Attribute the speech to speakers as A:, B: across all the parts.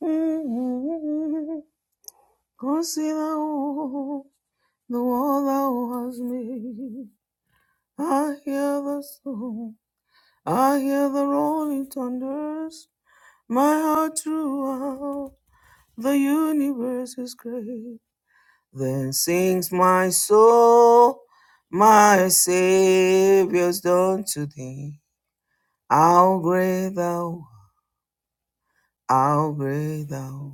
A: Consider the world thou hast made. I hear the song, I hear the rolling thunders. My heart throughout the universe is great. Then sings my soul, my Savior's done to thee. How great thou, art, how great thou.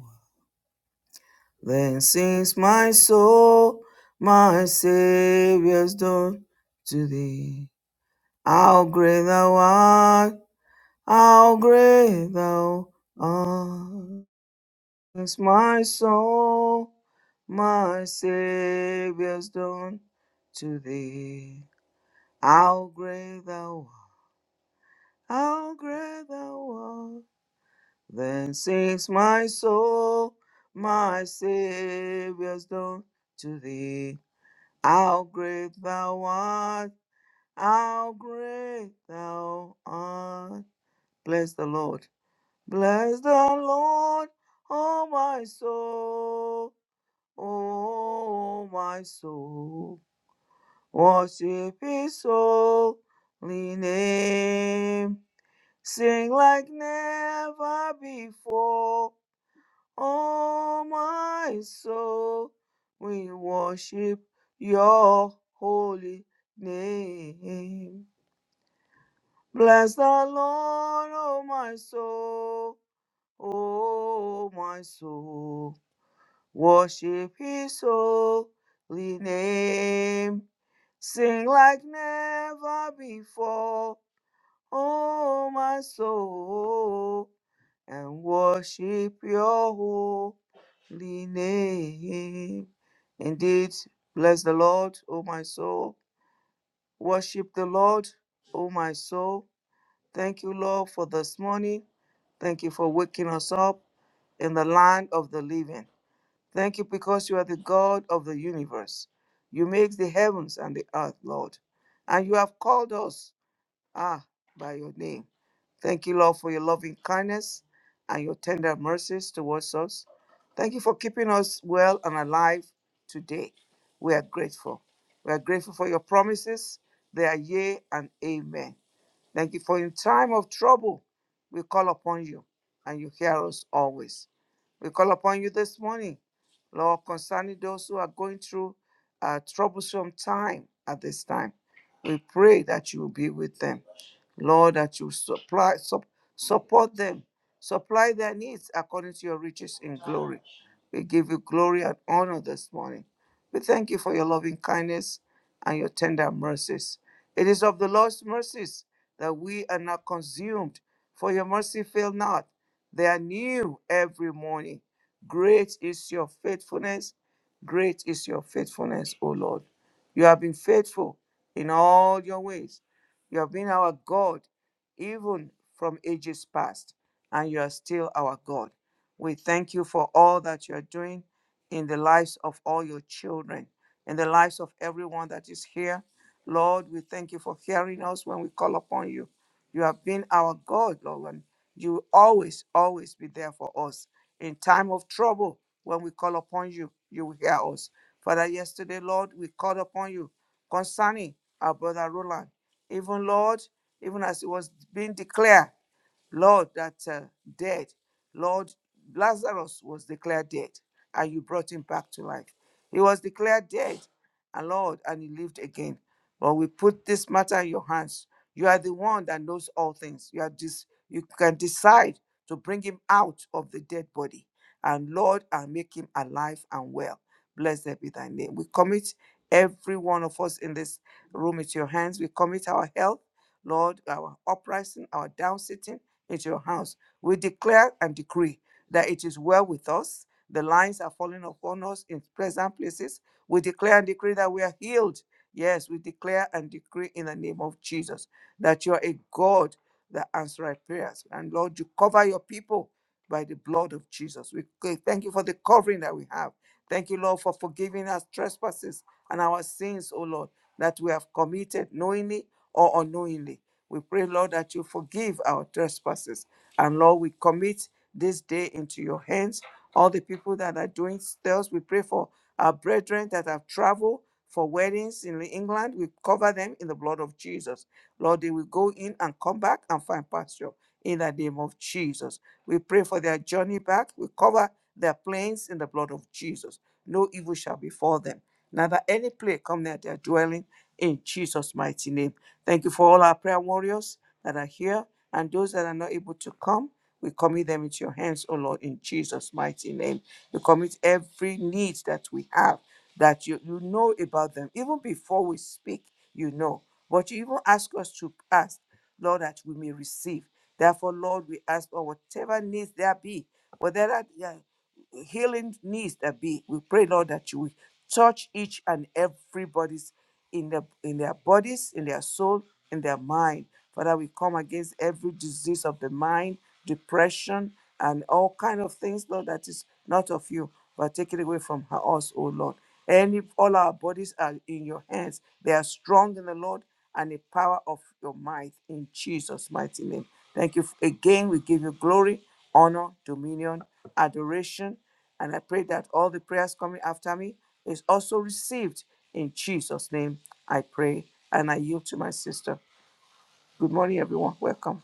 A: Then sings my soul, my Saviour's done to thee. How great thou art, how great thou art. Sings my soul, my Saviour's done to thee. How great thou art, how great thou art. Then sings my soul, my Saviour's done to thee. How great thou art, how great thou art. Bless the Lord. Bless the Lord, oh my soul, oh my soul. Worship his holy name. Sing like never before. Oh, my soul, we worship your holy name. Bless the Lord, oh, my soul, oh, my soul. Worship his holy name. Sing like never before, oh, my soul. and worship your holy name. Indeed, bless the Lord, O my soul. Worship the Lord, O my soul. Thank you, Lord, for this morning. Thank you for waking us up in the land of the living. Thank you because you are the God of the universe. You make the heavens and the earth, Lord. And you have called us, ah, by your name. Thank you, Lord, for your loving kindness and your tender mercies towards us. Thank you for keeping us well and alive today. We are grateful. We are grateful for your promises. They are yea and amen. Thank you for in time of trouble, we call upon you and you hear us always. We call upon you this morning, Lord, concerning those who are going through a troublesome time at this time. We pray that you will be with them. Lord, that you supply sup, support them, supply their needs according to your riches in glory. We give you glory and honor this morning. We thank you for your loving kindness and your tender mercies. It is of the Lord's mercies that we are not consumed, for your mercy fail not. They are new every morning. Great is your faithfulness. Great is your faithfulness, O Lord. You have been faithful in all your ways you have been our God even from ages past, and you are still our God. We thank you for all that you are doing in the lives of all your children, in the lives of everyone that is here. Lord, we thank you for hearing us when we call upon you. You have been our God, Lord, and you will always, always be there for us. In time of trouble, when we call upon you, you will hear us. Father, yesterday, Lord, we called upon you concerning our brother Roland even Lord, even as it was being declared. Lord, that uh, dead, Lord, Lazarus was declared dead, and you brought him back to life. He was declared dead, and Lord, and he lived again. But we put this matter in your hands. You are the one that knows all things. You are this. You can decide to bring him out of the dead body, and Lord, and make him alive and well. Blessed be Thy name. We commit every one of us in this room into your hands. We commit our health, Lord, our uprising, our downsitting at your house. We declare and decree that it is well with us. The lines are falling upon us in pleasant places. We declare and decree that we are healed. Yes, we declare and decree in the name of Jesus that you are a God that answers prayers. And Lord, you cover your people by the blood of Jesus. We c- thank you for the covering that we have. Thank you, Lord, for forgiving us trespasses and our sins, O Lord, that we have committed knowingly or unknowingly. We pray, Lord, that you forgive our trespasses. And Lord, we commit this day into your hands. All the people that are doing sales, we pray for our brethren that have traveled for weddings in England. We cover them in the blood of Jesus. Lord, they will go in and come back and find pasture in the name of Jesus. We pray for their journey back. We cover their planes in the blood of Jesus. No evil shall befall them neither any plague come near their dwelling in Jesus' mighty name. Thank you for all our prayer warriors that are here and those that are not able to come. We commit them into your hands, O Lord, in Jesus' mighty name. You commit every need that we have, that you, you know about them. Even before we speak, you know. But you even ask us to ask, Lord, that we may receive. Therefore, Lord, we ask for whatever needs there be, whether that yeah, healing needs there be, we pray, Lord, that you will touch each and everybody's in their in their bodies, in their soul, in their mind. Father, we come against every disease of the mind, depression, and all kind of things, Lord, that is not of you, but take it away from her- us, O Lord. Any all our bodies are in your hands. They are strong in the Lord and the power of your might in Jesus' mighty name. Thank you. Again, we give you glory, honor, dominion, adoration. And I pray that all the prayers coming after me is also received. In Jesus' name, I pray and I yield to my sister. Good morning, everyone. Welcome.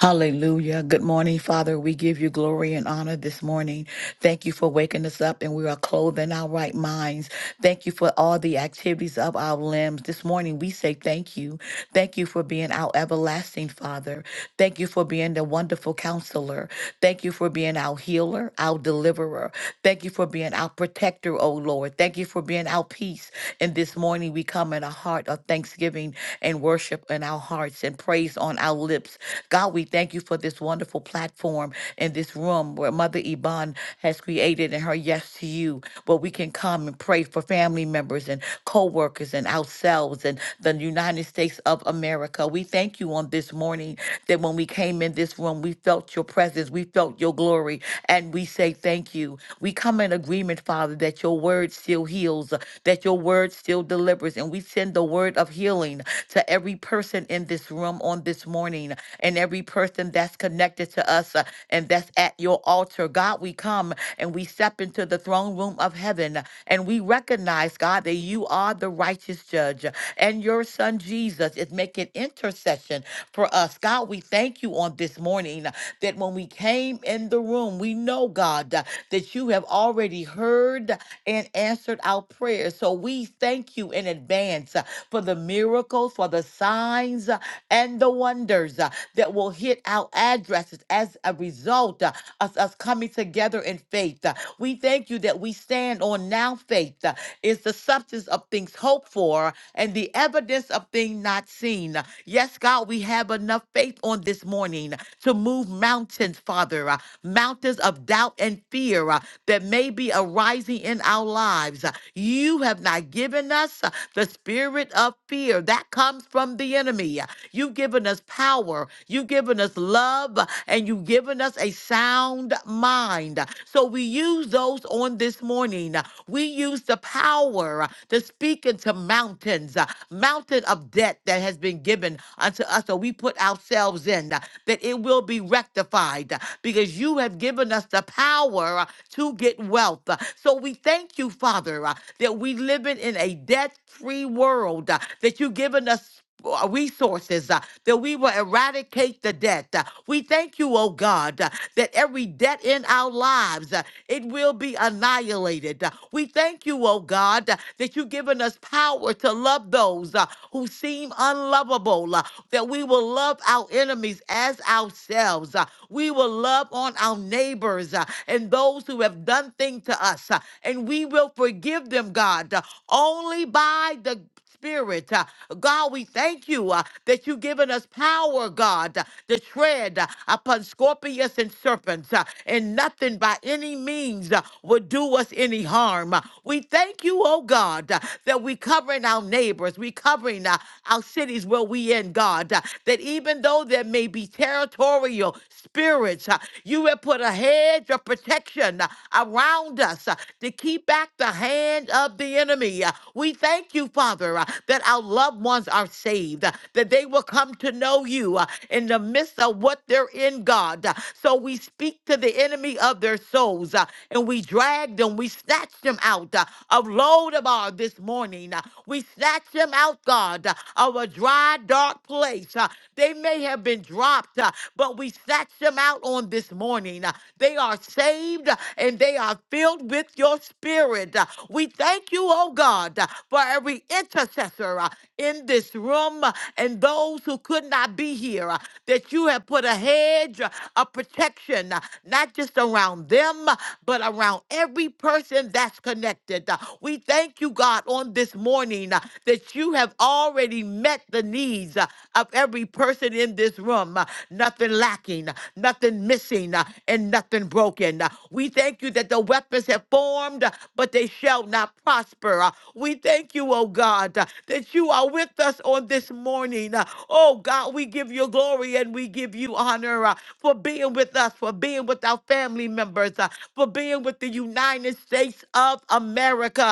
B: Hallelujah. Good morning, Father. We give you glory and honor this morning. Thank you for waking us up and we are clothed in our right minds. Thank you for all the activities of our limbs. This morning, we say thank you. Thank you for being our everlasting Father. Thank you for being the wonderful counselor. Thank you for being our healer, our deliverer. Thank you for being our protector, O Lord. Thank you for being our peace. And this morning, we come in a heart heart of thanksgiving and worship in our hearts and praise on our lips. God, we thank you for this wonderful platform and this room where Mother Iban has created and her yes to you, where we can come and pray for family members and co workers and ourselves and the United States of America. We thank you on this morning that when we came in this room, we felt your presence, we felt your glory, and we say thank you. We come in agreement agreement, Father, that your word still heals, uh, that your word still delivers. And we send the word of healing to every person in this room on this morning and every person that's connected to us uh, and that's at your altar. God, we come and we step into the throne room of heaven and we recognize, God, that you are the righteous judge and your son Jesus is making intercession for us. God, we thank you on this morning that when we came in the room, we know, God, uh, that you have already heard and answered our prayers. So we thank you in advance uh, for the miracles, for the signs, uh, and the wonders uh, that will hit our addresses as a result. uh, us, us coming together in faith. Uh, We thank you that we stand on now faith uh, is the substance of things hoped for and the evidence of things not seen. Uh, Yes, God, we have enough faith on this morning to move mountains, Father, uh, mountains of doubt and fear uh, that may be arising in our lives. Uh, You have not given us uh, the spirit of fear that comes from the enemy. You've given us power. You've given us love. And you've given us a sound mind. So we use those on this morning. We use the power uh, to speak into mountains, uh, mountain of debt that has been given unto us. So we put ourselves in uh, that it will be rectified uh, because you have given us the power uh, to get wealth. Uh, So we thank you, Father, uh, that we living in a debt-free world, uh, that you've given us uh, resources uh, that we will eradicate the debt. Uh, we thank you, oh God, uh, that every debt in our lives uh, it will be annihilated. Uh, We thank you, oh God, uh, that you've given us power to love those uh, who seem unlovable, uh, that we will love our enemies as ourselves. uh, We will love on our neighbors uh, and those who have done things to us, uh, and we will forgive them, God, uh, only by the Spirit. uh, God, we thank you uh, that you've given us power, God, uh, to tread uh, upon scorpions and serpents, uh, and nothing by any means uh, would do us any harm. Uh, We thank you, oh God, uh, that we covering our neighbors, we covering uh, our cities where we in, God, uh, that even though there may be territorial spirits, uh, you have put a hedge of protection uh, around us uh, to keep beat back the hand of the enemy. Uh, We thank you, Father, uh, that our loved ones are saved, uh, that they will come to know you uh, in the midst of what they're in, God. Uh, So we speak to the enemy of their souls uh, and we drag them, we snatch them out uh, of Lodabar this morning. Uh, We snatch them out, God, uh, of a dry, dark place. Uh, They may have been dropped, uh, but we snatch them out on on this morning. Uh, They are saved uh, and they are filled with your spirit. Uh, We thank you, oh God, uh, for every intercessor uh, in this room uh, and those who could not be here, uh, that you have put a hedge uh, of protection, uh, not just around them, uh, but around every person that's connected. Uh, We thank you, God, on this morning uh, that you have already met the need needs uh, of every person in this room. uh, Nothing lacking, uh, nothing missing, uh, and nothing broken. Uh, We thank you that the weapons have formed, uh, but they shall not prosper. Uh, We thank you, oh God, uh, that you are with us on this morning. Uh, Oh God, we give you glory and we give you honor uh, for being with us, for being with our family members, uh, for being with the United States of America.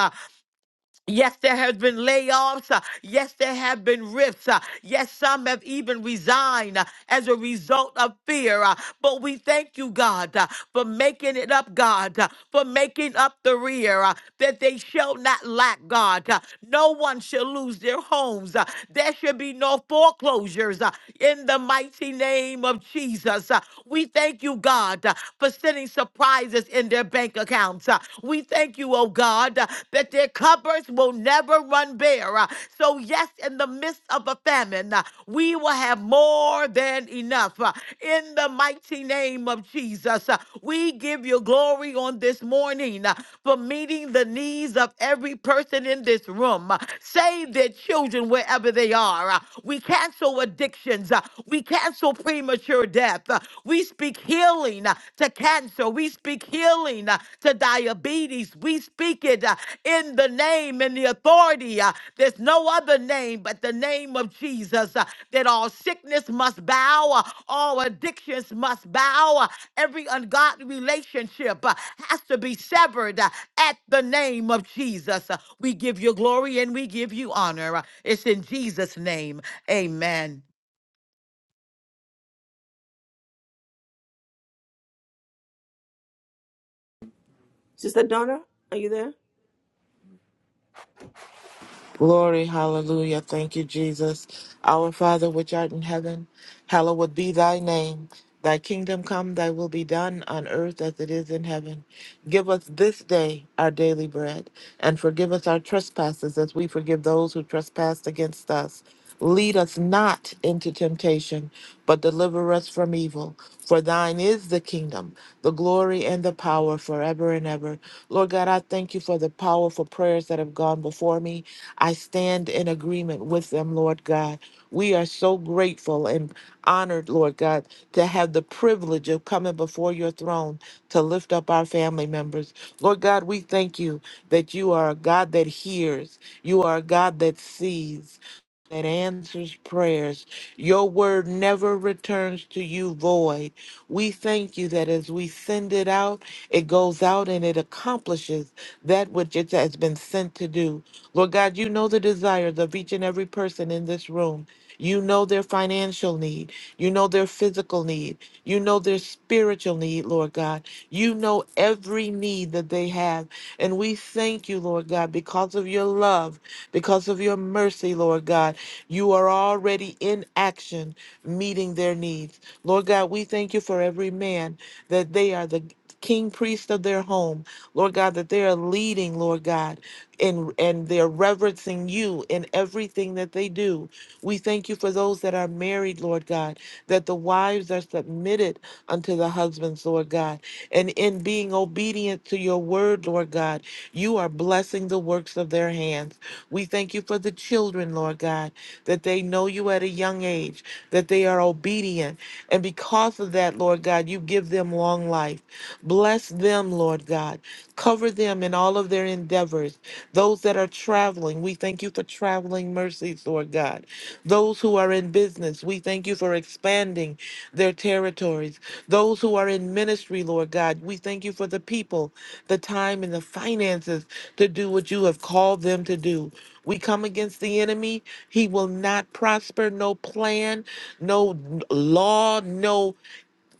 B: Yes, there have been layoffs. uh, Yes, there have been rifts. uh, Yes, some have even resigned uh, as a result of fear. uh, But we thank you, God, uh, for making it up, God, uh, for making up the rear, uh, that they shall not lack, God. uh, No one shall lose their homes. uh, There should be no foreclosures uh, in the mighty name of Jesus. uh, we thank you, God, uh, for sending surprises in their bank accounts. Uh, We thank you, oh God, uh, that their cupboards will never run bare. Uh, So, yes, in the midst of a famine, uh, we will have more than enough. Uh, In the mighty name of Jesus, uh, we give you glory on this morning uh, for meeting the needs of every person in this room them. uh, Save their children wherever they are. uh, We cancel addictions. uh, We cancel premature death. uh, We speak healing uh, to cancer. We speak healing uh, to diabetes. We speak it uh, in the name and the authority. uh, There's no other name but the name of Jesus uh, that all sickness must bow, uh, all addictions must bow, uh, every ungodly relationship uh, has to be severed. uh, at the name of Jesus. Uh, We give you glory and we give you honor. Uh, It's in Jesus' name. Amen.
A: Sister Donna, are you there?
C: Glory, hallelujah. Thank you, Jesus. Our Father, which art in heaven, hallowed be thy name. Thy kingdom come, thy will be done on earth as it is in heaven. Give us this day our daily bread, and forgive us our trespasses as we forgive those who trespass against us. Lead us not into temptation, but deliver us from evil. For thine is the kingdom, the glory, and the power forever and ever. Lord God, I thank you for the powerful prayers that have gone before me. I stand in agreement with them, Lord God. We are so grateful and honored, Lord God, to have the privilege of coming before your throne to lift up our family members. Lord God, we thank you that you are a God that hears, you are a God that sees. That answers prayers. Your word never returns to you void. We thank you that as we send it out, it goes out and it accomplishes that which it has been sent to do. Lord God, you know the desires of each and every person in this room. You know their financial need. You know their physical need. You know their spiritual need, Lord God. You know every need that they have. And we thank you, Lord God, because of your love, because of your mercy, Lord God. You are already in action, meeting their needs. Lord God, we thank you for every man that they are the king priest of their home. Lord God, that they are leading, Lord God and and they're reverencing you in everything that they do. We thank you for those that are married, Lord God, that the wives are submitted unto the husbands, Lord God. And in being obedient to your word, Lord God, you are blessing the works of their hands. We thank you for the children, Lord God, that they know you at a young age, that they are obedient. And because of that, Lord God, you give them long life. Bless them, Lord God. Cover them in all of their endeavors. Those that are traveling, we thank you for traveling mercies, Lord God. Those who are in business, we thank you for expanding their territories. Those who are in ministry, Lord God, we thank you for the people, the time, and the finances to do what you have called them to do. We come against the enemy. He will not prosper. No plan, no law, no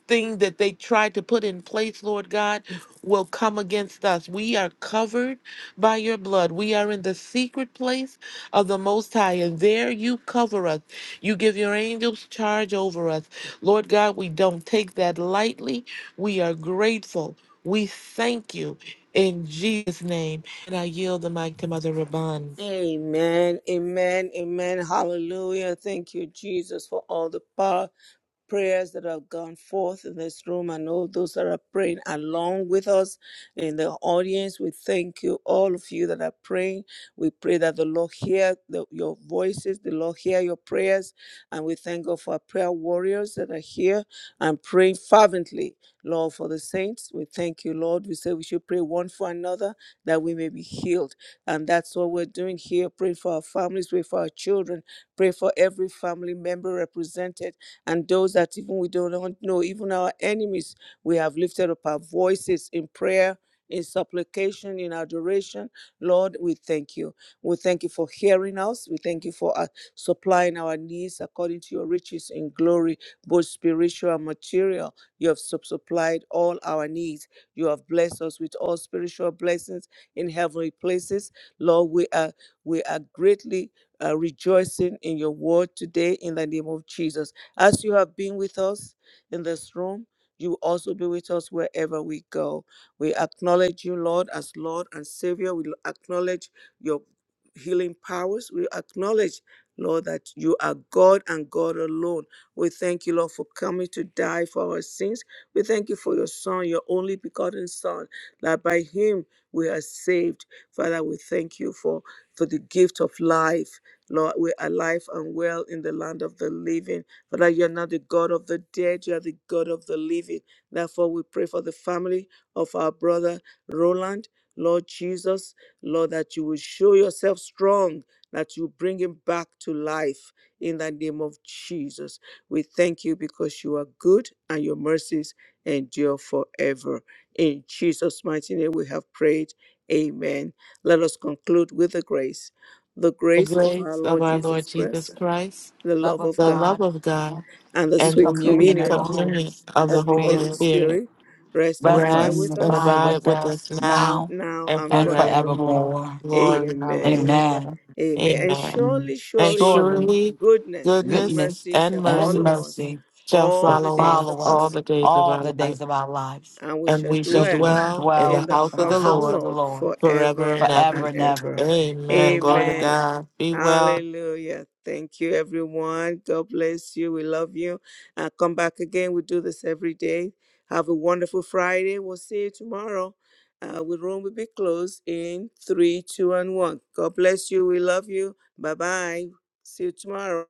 C: thing that they tried to put in place, Lord God, will come against us. We are covered by your blood. We are in the secret place of the Most High, and there you cover us. You give your angels charge over us. Lord God, we don't take that lightly. We are grateful. We thank you in Jesus' name. And I yield the mic to Mother Raban.
A: Amen. Amen. Amen. Hallelujah. Thank you, Jesus, for all the power prayers that have gone forth in this room and all those that are praying along with us in the audience. We thank you, all of you that are praying. We pray that the Lord hear the- your voices, the Lord hear your prayers. And we thank God for our prayer warriors that are here and praying fervently, Lord, for the saints. We thank you, Lord. We say we should pray one for another that we may be healed. And that's what we're doing here. Pray for our families, pray for our children, pray for every family member represented and those that even we don't know, even our enemies. We have lifted up our voices in prayer. In supplication, in adoration, Lord, we thank you. We thank you for hearing us. We thank you for uh, supplying our needs according to your riches in glory, both spiritual and material. You have sup- supplied all our needs. You have blessed us with all spiritual blessings in heavenly places Lord, we are we are greatly uh, rejoicing in your word today in the name of Jesus. As you have been with us in this room, you will also be with us wherever we go. We acknowledge you, Lord, as Lord and Savior. We acknowledge your healing powers. We acknowledge, Lord, that you are God and God alone. We thank you, Lord, for coming to die for our sins. We thank you for your Son, your only begotten Son, that by him we are saved. Father, we thank you for, for the gift of life. Lord, we're alive and well in the land of the living. Father, you're not the God of the dead, you are the God of the living. Therefore, we pray for the family of our brother Roland. Lord Jesus, Lord, that you will show yourself strong, that you bring him back to life in the name of Jesus. We thank you because you are good and your mercies endure forever. In Jesus' mighty name we have prayed. Amen. Let us conclude with the grace. The
C: The
A: grace of our
C: grace of
A: Lord
C: our Lord
A: Jesus
C: Jesus
A: Christ,
C: Christ,
A: the
B: love
A: love
B: of
A: of
C: the love
A: God,
B: God,
C: of God,
A: and the
B: the
C: and
A: sweet
C: the
B: communion
C: sweet
B: of the
A: communion
B: Holy
C: communion of the
A: of the
C: Holy
A: Holy
B: Spirit,
C: Spirit
A: Spirit rest and
B: rest
A: abide
B: and
C: Rest
A: with
C: and
A: us
B: abide
C: abide
B: with
C: with
B: us
C: us now
B: now
A: now
C: and
A: and
B: and
A: forevermore.
C: forevermore.
B: forevermore.
C: Glory,
A: Amen.
C: hallelujah.
B: Amen.
A: Amen. And
C: Amen.
B: Mm.
A: surely,
C: And
A: surely,
B: Surely
C: surely
A: goodness and
C: goodness
B: goodness
A: mercy
C: and
A: shall
B: and
A: follow
C: mercies
A: us
B: mercy
C: shall
A: all
B: will
A: the
C: follow
A: days
B: follow
C: us
A: of our
C: all
B: us
A: life
C: the days of
B: all the
C: our life,
B: days of our lives.
A: and we
C: and
A: shall
C: we
B: We
C: shall
B: should
A: dwell
C: dwell in the
A: in
B: dwell
A: the
C: house
B: in
C: of
B: the
C: the
A: house of the
B: house of
C: Lord
B: the
A: Lord
B: Lord
C: forever
A: forever
C: and ever.
B: forever
A: and
B: and
A: ever.
B: ever.
C: Amen. Glory to
B: Amen.
A: Amen.
C: God. Be well.
A: Hallelujah. Thank you, everyone. God bless you. We love you. Uh, come back again. We do this every day. Have a wonderful Friday. We'll see you tomorrow. Uh, the room will be closed in three, two, and one. God bless you. We love you. Bye bye. See you tomorrow.